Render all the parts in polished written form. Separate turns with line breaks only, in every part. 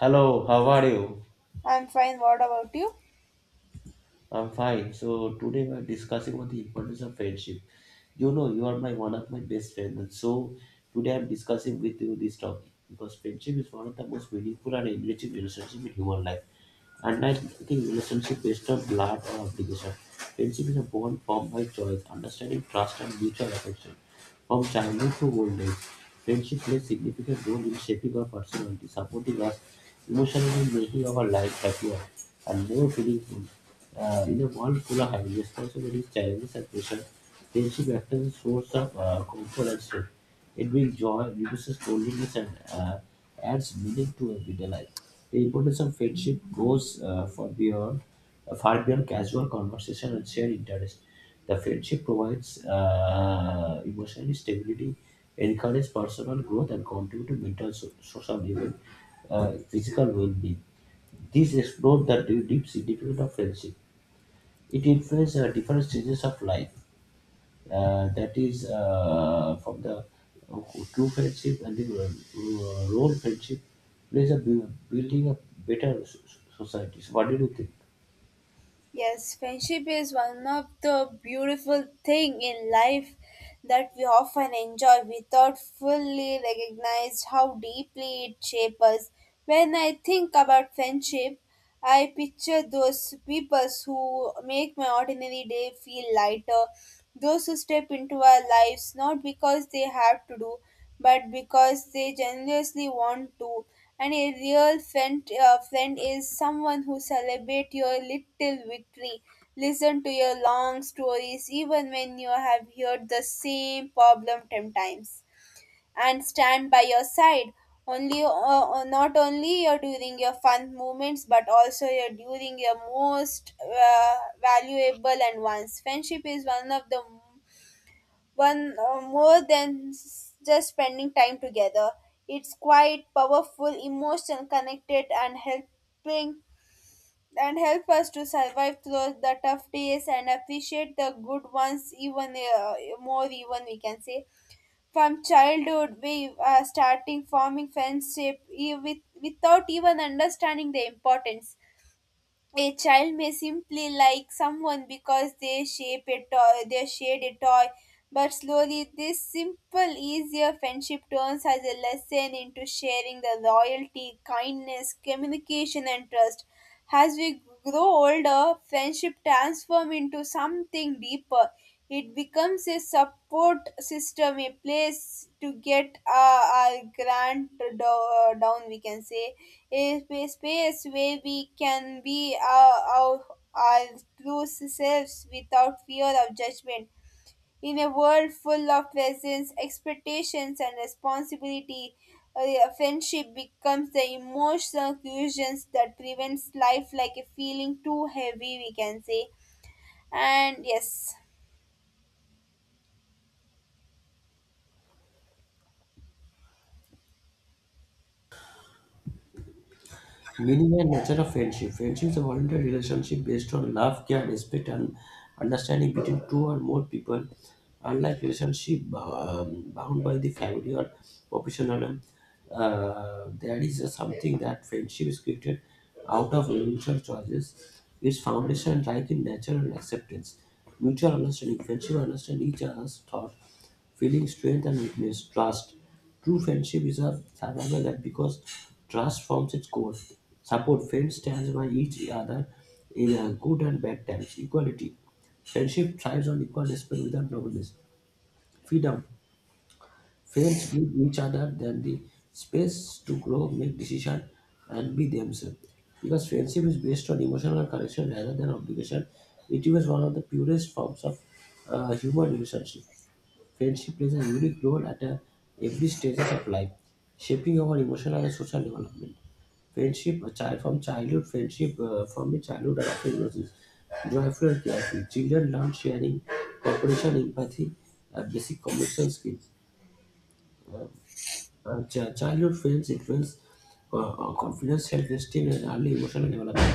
Hello, how are you?
I'm fine. What about you?
I'm fine. So today we're discussing about the importance of friendship. You know, you are my one of my best friends, and so today I'm discussing with you this topic because friendship is one of the most meaningful and enriching relationship in human life. And I think relationship based on blood or obligation. Friendship is a bond formed by choice, understanding, trust, and mutual affection. From childhood to old age, friendship plays significant role in shaping our personality, supporting us emotionally, and making our life happier and more meaningful. In a world full of having responsibilities, challenges, and pressure, friendship acts as a source of comfort and strength. It brings joy, reduces loneliness, and adds meaning to everyday life. The importance of friendship goes for beyond far beyond casual conversation and shared interest. The friendship provides emotional stability, encourages personal growth, and contributes to mental, social, even physical well-being. These explore the deep significance of friendship. It influences different stages of life that is from the true friendship and the role friendship plays a building a better So what do you think?
Yes, friendship is one of the beautiful thing in life that we often enjoy without fully recognize how deeply it shapes us. When I think about friendship, I picture those people who make my ordinary day feel lighter, those who step into our lives not because they have to do but because they generously want to. And a real friend is someone who celebrates your little victory, listen to your long stories, even when you have heard the same problem 10 times, and stand by your side. Not only your during your fun moments, but also your during your most valuable and ones. Friendship is one of the one more than just spending time together. It's quite powerful, emotional, connected, and helping and help us to survive through the tough days and appreciate the good ones even more. Even we can say from childhood we are starting forming friendship with, without even understanding the importance. A child may simply like someone because they shared a toy, but slowly this simple, easier friendship turns as a lesson into sharing the loyalty, kindness, communication, and trust. As we grow older, friendship transforms into something deeper. It becomes a support system, a place to get our grant down, we can say, a space where we can be our true selves without fear of judgment in a world full of presence, expectations, and responsibility, a friendship becomes the emotional cushions that prevents life like a feeling too heavy, we can say. And yes,
Meaning and nature of friendship. Friendship is a voluntary relationship based on love, care, respect, and understanding between two or more people. Unlike relationship bound by the family or professional, there is a something that friendship is created out of mutual choices. Its foundation lies in natural acceptance, mutual understanding. Friendship understand each other's thought, feeling, strength, and weakness, trust. True friendship is a survival act because trust forms its core. Support friends stands by each other in good and bad times. Equality. Friendship thrives on equal respect without nobleness. Freedom. Friends give each other then the space to grow, make decision, and be themselves. Because friendship is based on emotional connection rather than obligation, it is one of the purest forms of human relationship. Friendship plays a unique role at every stages of life, shaping our emotional and social development. Friendship, a child from childhood, friendship from the childhood are often nurses, joyful and careful. Children learn sharing, cooperation, empathy, basic communication skills. Childhood friends influence confidence, self-esteem, and early emotional development.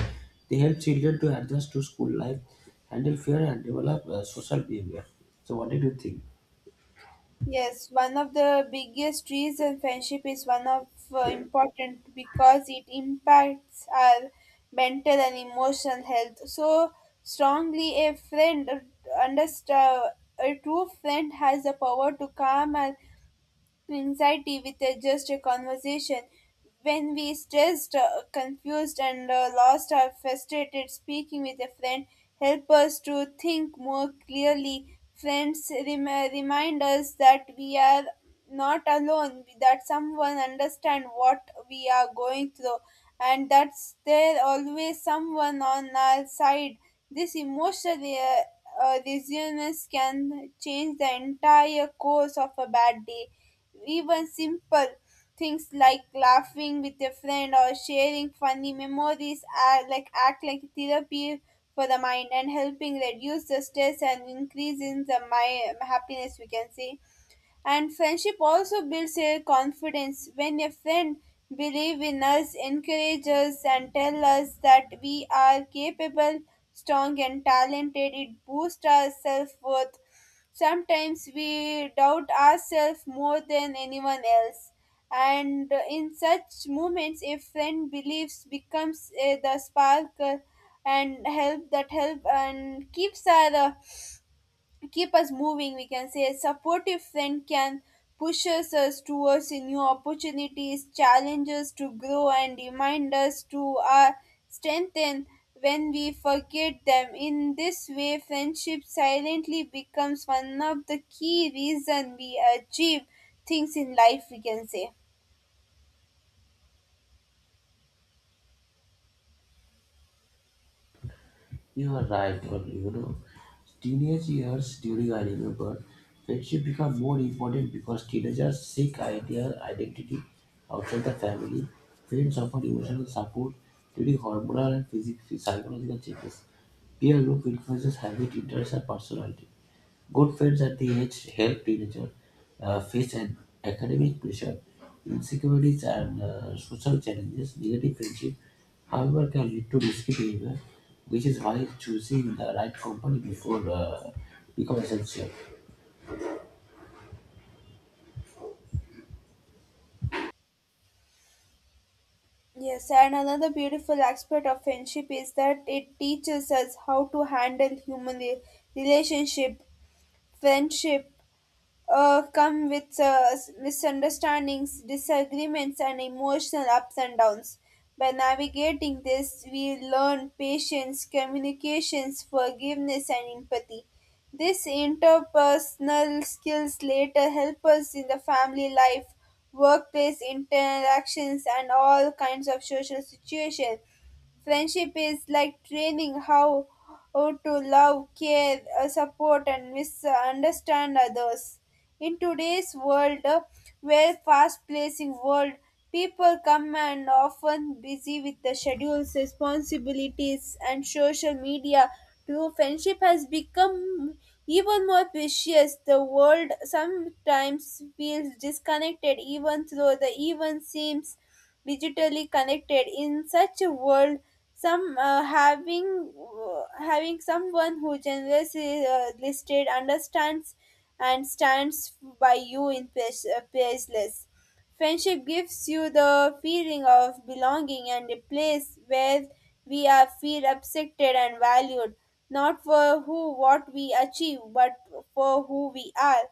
They help children to adjust to school life, handle fear, and develop social behavior. So, what did you think?
yes, one of the biggest reasons friendship is one of important because it impacts our mental and emotional health so strongly. Understand a true friend has the power to calm our anxiety with just a conversation. When we stressed, confused, and lost or frustrated, speaking with a friend help us to think more clearly. Friends remind us that we are not alone, that someone understands what we are going through, and that's there always someone on our side. This emotional resilience can change the entire course of a bad day. Even simple things like laughing with a friend or sharing funny memories are like act like therapy for the mind and helping reduce the stress and increase in the my happiness, we can say. And friendship also builds a confidence when a friend believes in us, encourages us, and tells us that we are capable, strong, and talented. It boosts our self worth. Sometimes we doubt ourselves more than anyone else. And in such moments, a friend believes becomes the spark and help that help and keeps our keep us moving, we can say. A supportive friend can pushes us towards new opportunities challenges to grow and remind us to our strengthen when we forget them. In this way friendship silently becomes one of the key reason we achieve things in life, we can say.
You are right, but you know, teenage years during I remember friendship become more important because teenagers seek their identity outside the family. Friends offer emotional support during hormonal and physical, psychological changes. Peer group influences habit, interests, and personality. Good friends at the age help teenagers face an academic pressure, insecurities, and social challenges. Negative friendship, however, can lead to risky behavior, which is why choosing the right company before become essential.
Yes, and another beautiful aspect of friendship is that it teaches us how to handle human relationship. Friendship come with misunderstandings, disagreements, and emotional ups and downs. By navigating this, we learn patience, communications, forgiveness, and empathy. These interpersonal skills later help us in the family life, workplace interactions, and all kinds of social situations. Friendship is like training how to love, care, support, and misunderstand others. In today's world, where fast-paced world, people come and often busy with the schedules, responsibilities, and social media. True friendship has become even more precious. The world sometimes feels disconnected, even though the even seems digitally connected in such a world some having someone who generously listed understands and stands by you in priceless. Friendship gives you the feeling of belonging and a place where we are feel accepted and valued, not for who what we achieve, but for who we are.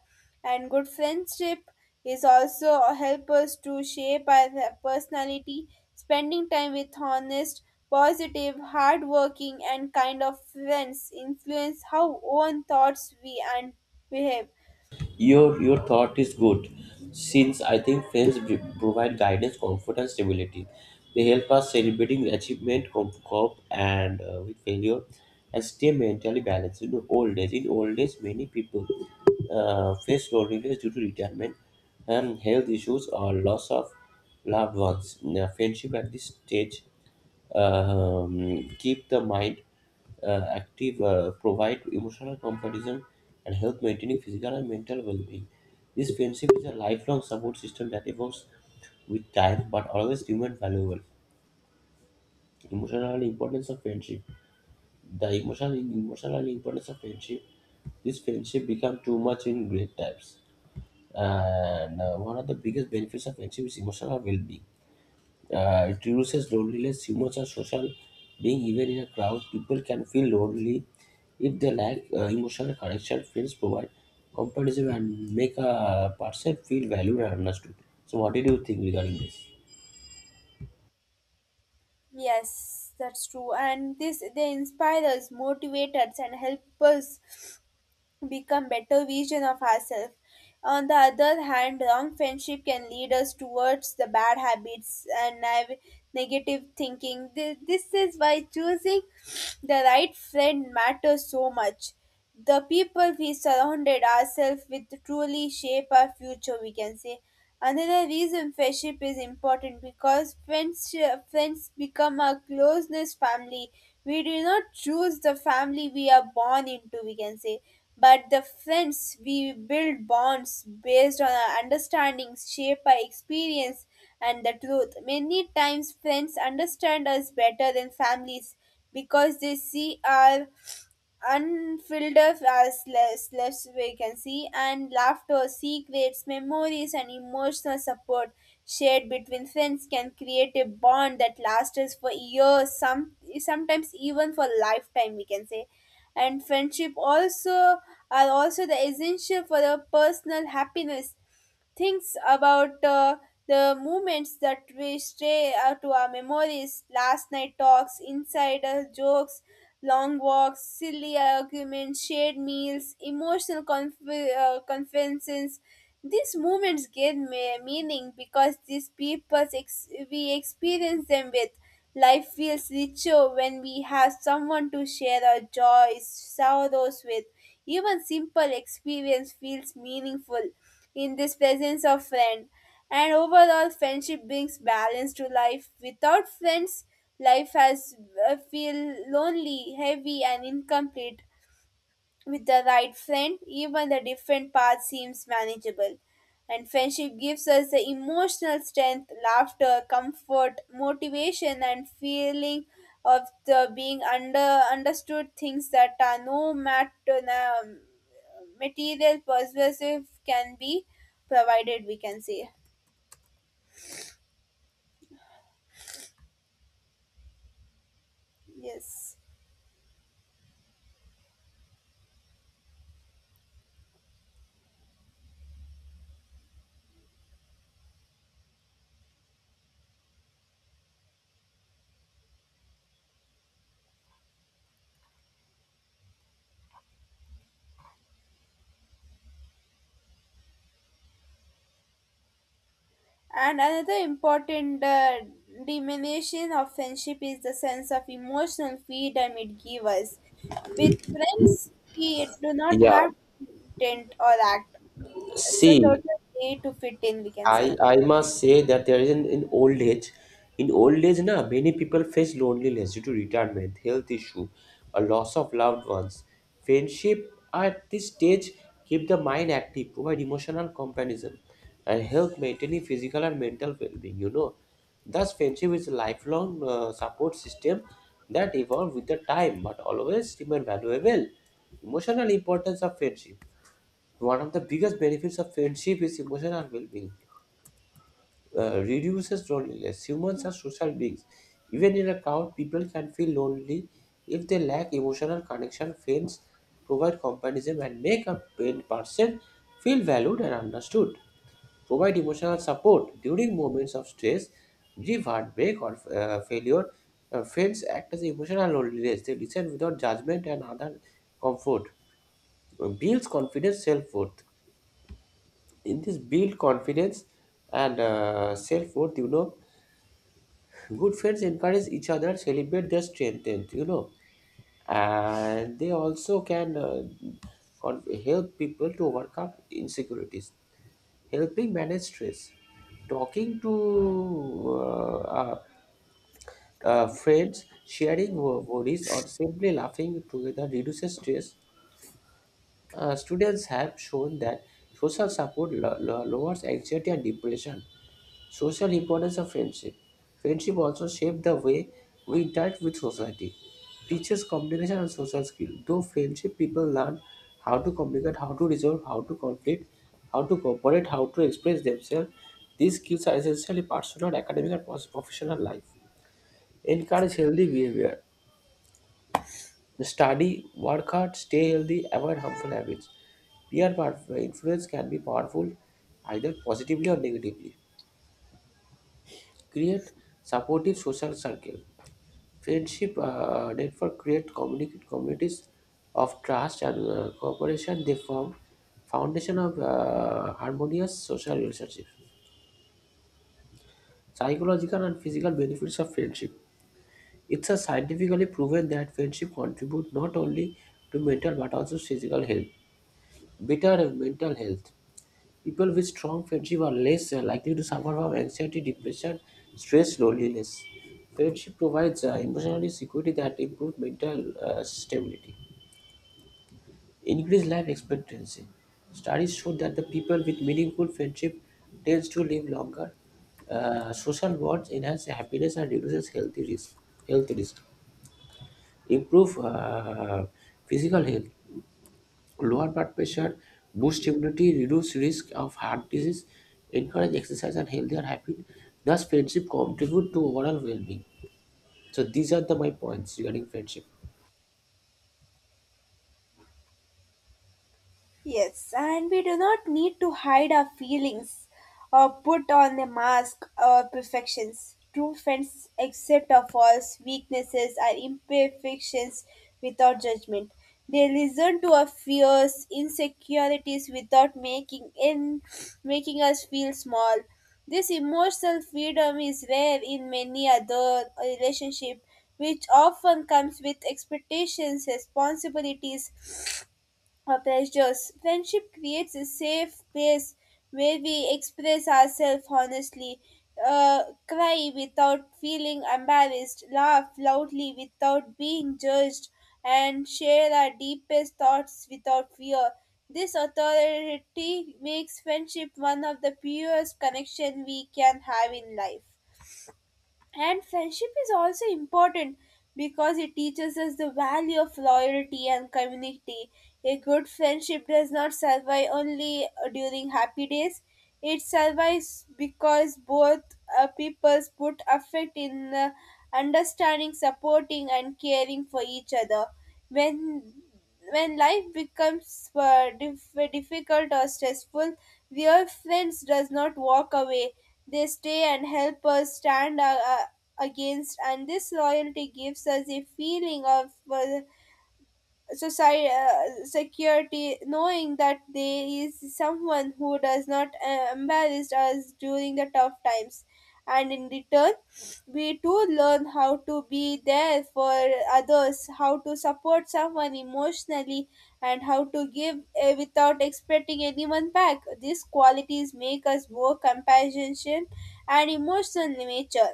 And good friendship is also help us to shape our personality. Spending time with honest, positive, hardworking, and kind of friends influence how own thoughts we and behave.
Your thought is good, since I think friends provide guidance, comfort, and stability. They help us celebrating achievement, cope, and with failure, and stay mentally balanced. In old age, many people face loneliness due to retirement and health issues or loss of loved ones. Now, friendship at this stage keep the mind active, provide emotional comparison, and help maintaining physical and mental well-being. This friendship is a lifelong support system that evolves with time but always remain valuable. Emotional importance of friendship. The emotional importance of friendship. This friendship become too much in great times. And One of the biggest benefits of friendship is emotional well-being. It reduces loneliness. Humans are social being even in a crowd. People can feel lonely if they lack emotional connection. Friends provide companionship and make a person feel valued and understood. So, what did you think regarding this?
Yes, that's true. And this they inspire us, motivate us, and help us become better version of ourselves. On the other hand, wrong friendship can lead us towards the bad habits and negative thinking. This is why choosing the right friend matters so much. The people we surrounded ourselves with truly shape our future, we can say. Another reason friendship is important because friends become our closest family. We do not choose the family we are born into, we can say, but the friends we build bonds based on our understandings, shape our experience, and the truth. Many times, friends understand us better than families because they see our unfilled of as less less vacancy and laughter she creates memories and emotional support shared between friends can create a bond that lasts for years, some sometimes even for lifetime, we can say. And friendship also are also the essential for the personal happiness, things about the moments that we stray to our memories, last night talks, insider jokes, long walks, silly arguments, shared meals, emotional conferences. These moments gain meaning because these people we experience them with. Life feels richer when we have someone to share our joys sorrows with. Even simple experience feels meaningful in this presence of friend. And overall friendship brings balance to life. Without friends, life has feel lonely, heavy, and incomplete. With the right friend, even the different path seems manageable. And friendship gives us the emotional strength, laughter, comfort, motivation, and feeling of the being under understood, things that are no matter material persuasive can be provided. We can say yes. And another important diminution of friendship is the sense of emotional freedom it gives us. With friends, we do not
Yeah,
have to intent or act. It's a sort
see,
of way to fit in, we can
I
say.
I must say that there is an in old age, na many people face loneliness due to retirement, health issue, a loss of loved ones. Friendship at this stage keep the mind active, provide emotional comparison, and help maintaining physical and mental well-being. You know, thus friendship is a lifelong support system that evolve with the time, but always remain valuable. Emotional importance of friendship. One of the biggest benefits of friendship is emotional well-being reduces loneliness. Humans are social beings. Even in a crowd, people can feel lonely if they lack emotional connection. Friends provide companionism and make a pain person feel valued and understood. Provide emotional support during moments of stress, grief, heartbreak, or failure. Friends act as emotional loneliness. They listen without judgment and other comfort. Builds confidence, self worth. In this build confidence and self worth, you know, good friends encourage each other celebrate their strength and, you know and they also can help people to overcome insecurities helping manage stress talking to friends sharing worries or simply laughing together reduces stress students have shown that social support lowers anxiety and depression. Social importance of friendship. Friendship also shapes the way we interact with society. Teaches communication and social skill. Through friendship, people learn how to communicate, how to resolve, how to conflict, how to cooperate, how to express themselves. These skills are essentially personal, academic, and professional life. Encourage healthy behavior. Study, work hard, stay healthy, avoid harmful habits. Influence can be powerful either positively or negatively. Create supportive social circle. Friendship network create communicate communities of trust and cooperation. They form foundation of harmonious social relationships. Psychological and physical benefits of friendship. It's a scientifically proven that friendship contribute not only to mental but also physical health. Better mental health. People with strong friendship are less likely to suffer from anxiety, depression, stress, loneliness. Friendship provides emotional security that improves mental stability. Increased life expectancy. Studies show that the people with meaningful friendship tends to live longer. Social bonds enhance happiness and reduces healthy risk. Health risk improve physical health, lower blood pressure, boost immunity, reduce risk of heart disease, encourage exercise and healthier habit. Thus, friendship contribute to overall well-being. So these are the my points regarding friendship.
Yes, and we do not need to hide our feelings or put on a mask or perfections. True friends accept our faults, weaknesses, and imperfections without judgment. They listen to our fears, insecurities without making us feel small. This emotional freedom is rare in many other relationships, which often comes with expectations, responsibilities, or pressures. Friendship creates a safe place where we express ourselves honestly, cry without feeling embarrassed, laugh loudly without being judged, and share our deepest thoughts without fear. This authority makes friendship one of the purest connections we can have in life. And friendship is also important because it teaches us the value of loyalty and community. A good friendship does not survive only during happy days, it survives because both peoples put effort in understanding, supporting, and caring for each other. When when life becomes difficult or stressful, real friends does not walk away. They stay and help us stand against, and this loyalty gives us a feeling of society security, knowing that there is someone who does not embarrass us during the tough times. And in return we too learn how to be there for others, how to support someone emotionally, and how to give without expecting anyone back. These qualities make us more compassionate and emotional in nature.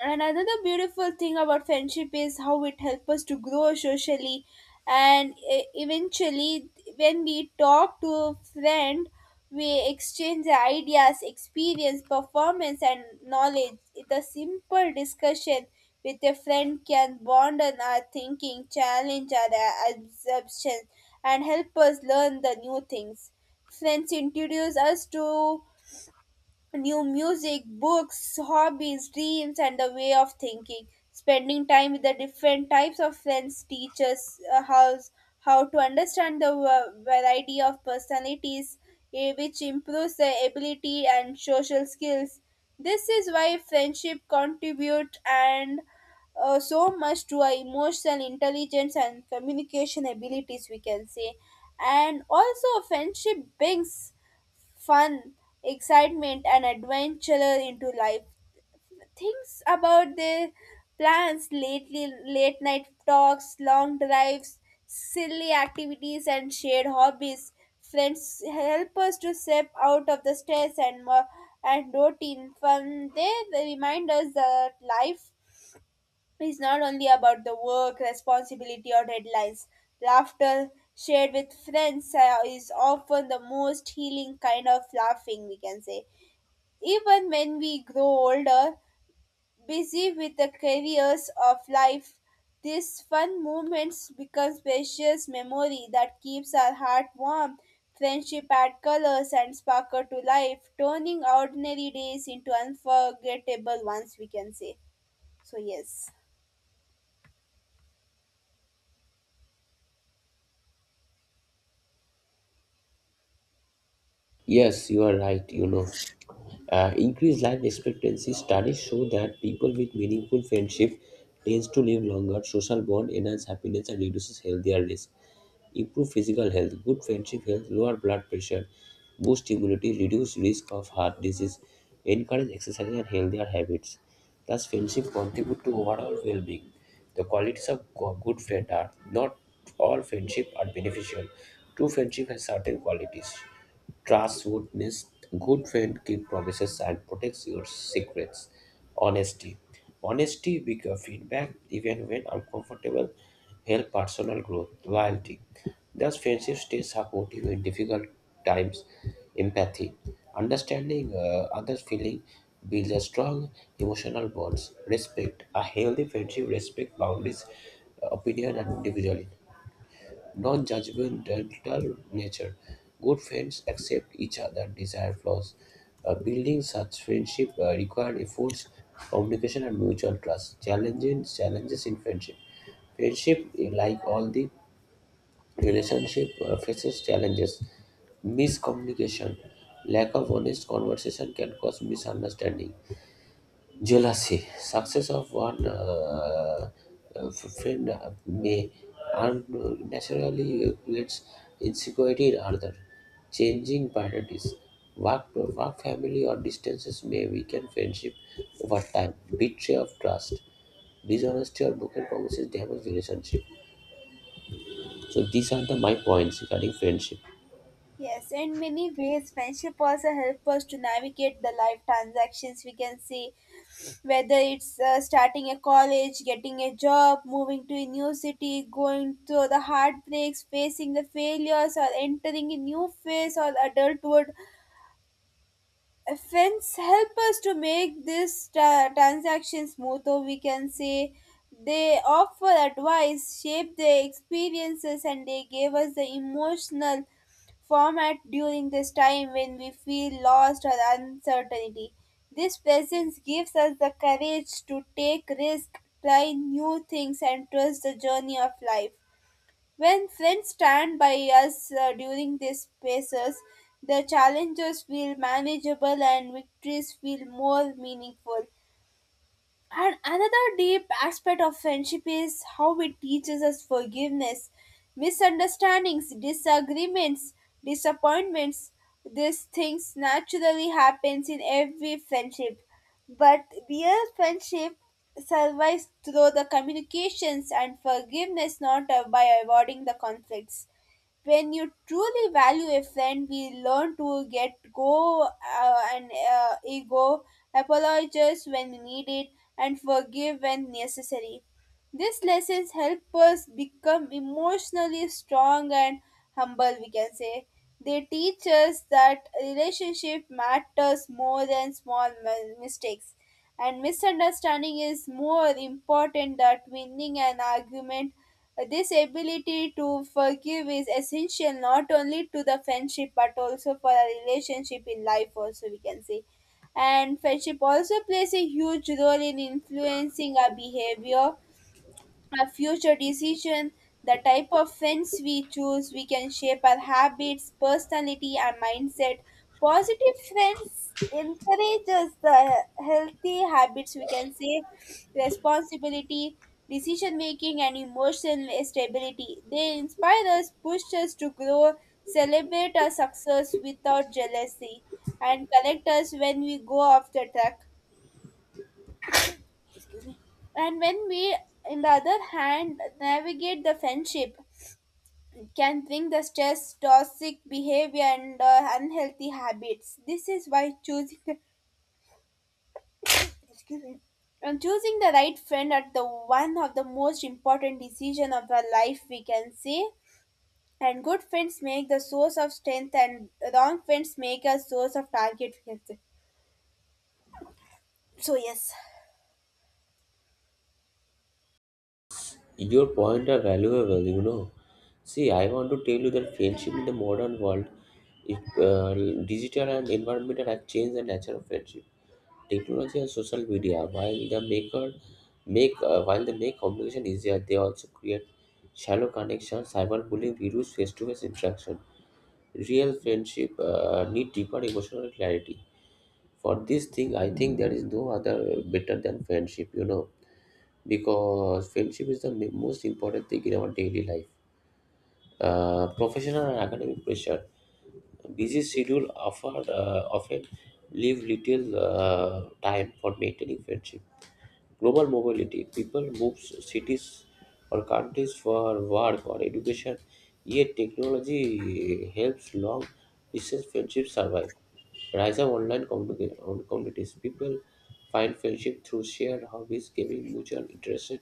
And another beautiful thing about friendship is how it helps us to grow socially and eventually. When we talk to a friend, we exchange ideas, experience, performance, and knowledge. The simple discussion with a friend can bond our thinking, challenge our assumptions, and help us learn the new things. Friends introduce us to new music, books, hobbies, dreams, and the way of thinking. Spending time with the different types of friends teaches how to understand the variety of personalities, eh, which improves the ability and social skills. This is why friendship contribute and so much to our emotional intelligence and communication abilities, we can say. And also friendship brings fun, excitement, and adventure into life. Things about their plans lately, late night talks, long drives, silly activities, and shared hobbies. Friends help us to step out of the stress and and routine. Fun they remind us that life it's not only about the work, responsibility, or deadlines. Laughter shared with friends is often the most healing kind of laughing, we can say. Even when we grow older, busy with the careers of life, these fun moments become precious memory that keeps our heart warm. Friendship add colors and sparkle to life, turning ordinary days into unforgettable ones, we can say. So, yes.
Yes, you are right. You know. Increased life expectancy studies show that people with meaningful friendship tends to live longer. Social bond enhance happiness and reduces healthier risk. Improve physical health, good friendship helps lower blood pressure, boost immunity, reduce risk of heart disease, encourage exercise and healthier habits. Thus, friendship contribute to overall well-being. The qualities of good friend are not all friendship are beneficial. True friendship has certain qualities. Trust would nest. Good friend keep promises and protects your secrets. Honesty. Honesty with your feedback, even when uncomfortable, help personal growth. Loyalty. Thus, friendship stays supportive in difficult times. Empathy. Understanding others' feeling builds a strong emotional bonds. Respect. A healthy friendship respects boundaries, opinion, and individuality non judgmental nature. Good friends accept each other's desired flaws. Building such friendship requires efforts, communication, and mutual trust. Challenges challenges in friendship. Friendship, eh, like all the relationship, faces challenges. Miscommunication, lack of honest conversation can cause misunderstanding jealousy success of one uh, friend may unnaturally creates insecurity in other changing priorities work, work family or distances may weaken friendship over time betrayal of trust dishonesty or broken promises damage relationship. So these are the my points regarding friendship.
Yes, in many ways, friendship also help us to navigate the life transactions we can see, whether it's starting a college, getting a job, moving to a new city, going through the heartbreaks, facing the failures, or entering a new phase or adulthood. Fence help us to make this transaction smoother, we can say. They offer advice, shape their experiences, and they gave us the emotional format during this time when we feel lost or uncertainty. This presence gives us the courage to take risk, try new things, and trust the journey of life. When friends stand by us during these phases, the challenges feel manageable and victories feel more meaningful. And another deep aspect of friendship is how it teaches us forgiveness. Misunderstandings, disagreements, disappointments, these things naturally happens in every friendship. But real friendship survives through the communications and forgiveness, not by avoiding the conflicts. When you truly value a friend, we learn to get go and ego, apologize when we need it and forgive when necessary. These lessons help us become emotionally strong and humble, we can say. They teach us that relationship matters more than small mistakes, and misunderstanding is more important than winning an argument. This ability to forgive is essential not only to the friendship but also for a relationship in life, also, we can say. And friendship also plays a huge role in influencing our behavior, our future decisions. The type of friends we choose, we can shape our habits, personality, and mindset. Positive friends encourages the healthy habits, we can say, responsibility, decision making, and emotional stability. They inspire us, push us to grow, celebrate our success without jealousy, and correct us when we go off the track. Excuse me. And when we, in the other hand, navigate the friendship, can bring the stress, toxic behavior, and unhealthy habits. This is why choosing the, excuse me, and choosing the right friend at the one of the most important decision of our life, we can say. And good friends make the source of strength, and wrong friends make a source of target, we can say. So yes.
Your point are valuable, you know. See, I want to tell you that friendship in the modern world, if, digital and environmental have changed the nature of friendship. Technology and social media, while the maker make while they make communication easier, they also create shallow connections, cyberbullying, virus, face-to-face interaction. Real friendship need deeper emotional clarity. For this thing, I think there is no other better than friendship. You know because friendship is the most important thing in our daily life. Professional and academic pressure. Busy schedule offer, often leave little time for maintaining friendship. Global mobility. People move cities or countries for work or education, yet technology helps long distance friendships survive. Rise of online communities. People find friendship through shared hobbies, gaming, mutual interests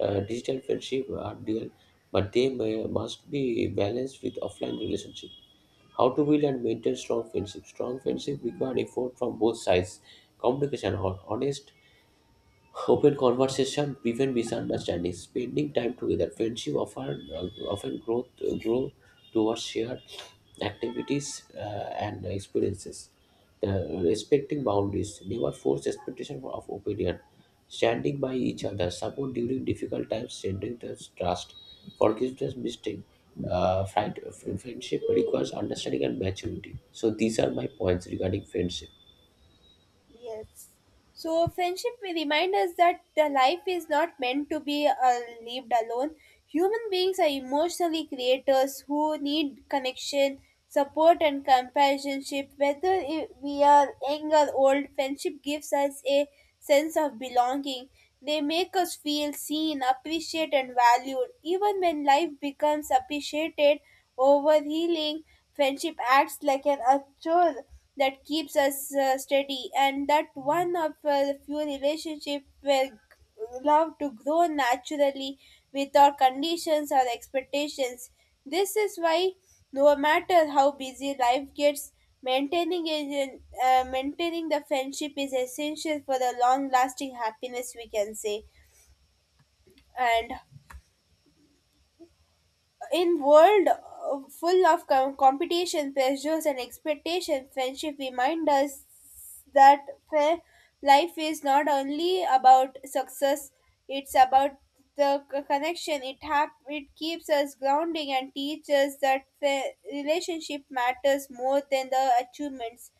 digital friendship are real, but they may, must be balanced with offline relationship. How to build and maintain strong friendship? Strong friendship require effort from both sides, communication, honest. Open conversation prevent misunderstandings. Spending time together, friendship often grow towards shared activities and experiences. The respecting boundaries, never force expectation of opinion. Standing by each other, support during difficult times, strengthening the trust, forgiveness, mistake. Uh, friend- Friendship requires understanding and maturity. So these are my points regarding friendship.
Yes. So friendship may remind us that the life is not meant to be lived alone. Human beings are emotionally creators who need connection, support, and companionship. Whether we are young or old, friendship gives us a sense of belonging. They make us feel seen, appreciated, and valued. Even when life becomes appreciated over healing, friendship acts like an anchor that keeps us steady, and that one of the few relationships where love to grow naturally without conditions or expectations. This is why, no matter how busy life gets, maintaining a, maintaining the friendship is essential for the long-lasting happiness, we can say. And in world full of competition, pressures, and expectations, friendship remind us that fa- life is not only about success. It's about the connection. It it keeps us grounding and teaches that relationship matters more than the achievements.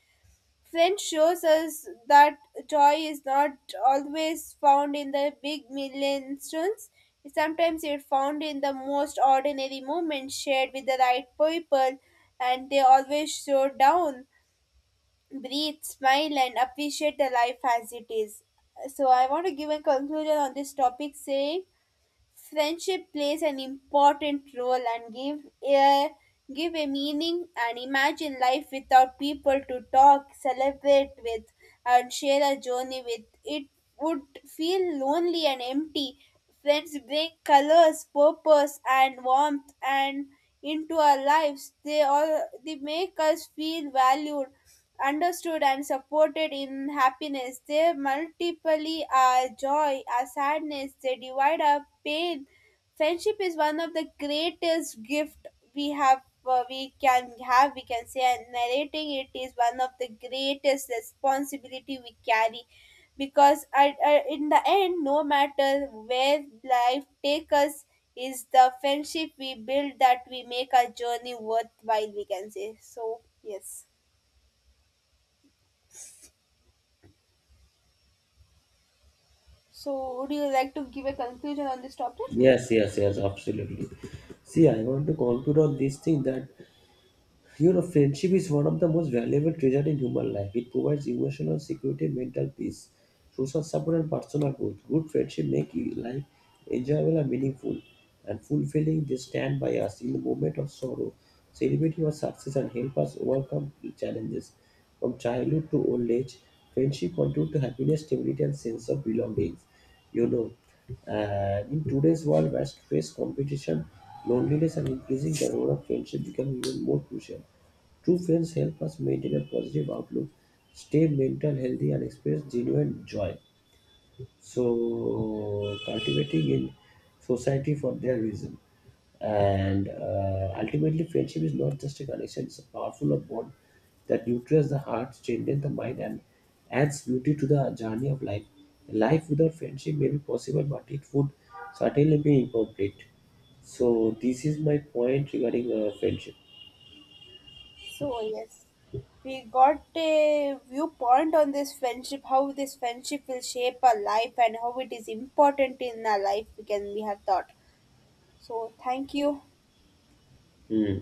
Flint shows us that joy is not always found in the big milestones. Sometimes it's found in the most ordinary moments shared with the right people, and they always slow down, breathe, smile, and appreciate the life as it is. So, I want to give a conclusion on this topic, saying friendship plays an important role and give a give a meaning, and imagine life without people to talk, celebrate with, and share a journey with. It would feel lonely and empty. Friends bring colors, purpose, and warmth and into our lives. They all, they make us feel valued, understood, and supported in happiness. They multiply our joy, our sadness, they divide our pain. Friendship is one of the greatest gift we have, we can have, we can say, and narrating it is one of the greatest responsibility we carry, because in the end, no matter where life takes us, is the friendship we build that we make our journey worthwhile, we can say. So yes. So, would you like to give a conclusion on this topic?
Yes, yes, yes, absolutely. See, I want to conclude on this thing that you know, friendship is one of the most valuable treasures in human life. It provides emotional security, mental peace, social support, and personal growth. Good friendship make life enjoyable and meaningful and fulfilling. They stand by us in the moment of sorrow, celebrate our success, and help us overcome challenges. From childhood to old age, friendship contribute to happiness, stability, and sense of belonging. You know, and in today's world, where stress, competition, loneliness, and increasing the role of friendship become even more crucial. True friends help us maintain a positive outlook, stay mental healthy, and experience genuine joy. So, cultivating in society for their reason. And ultimately, friendship is not just a connection, it's a powerful bond that nurtures the heart, strengthens the mind, and adds beauty to the journey of life. Life without friendship may be possible, but it would certainly be incomplete. So, this is my point regarding friendship.
So, yes. We got a viewpoint on this friendship, how this friendship will shape our life and how it is important in our life, we have thought. So, thank you.
Hmm.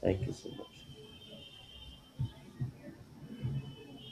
Thank you so much.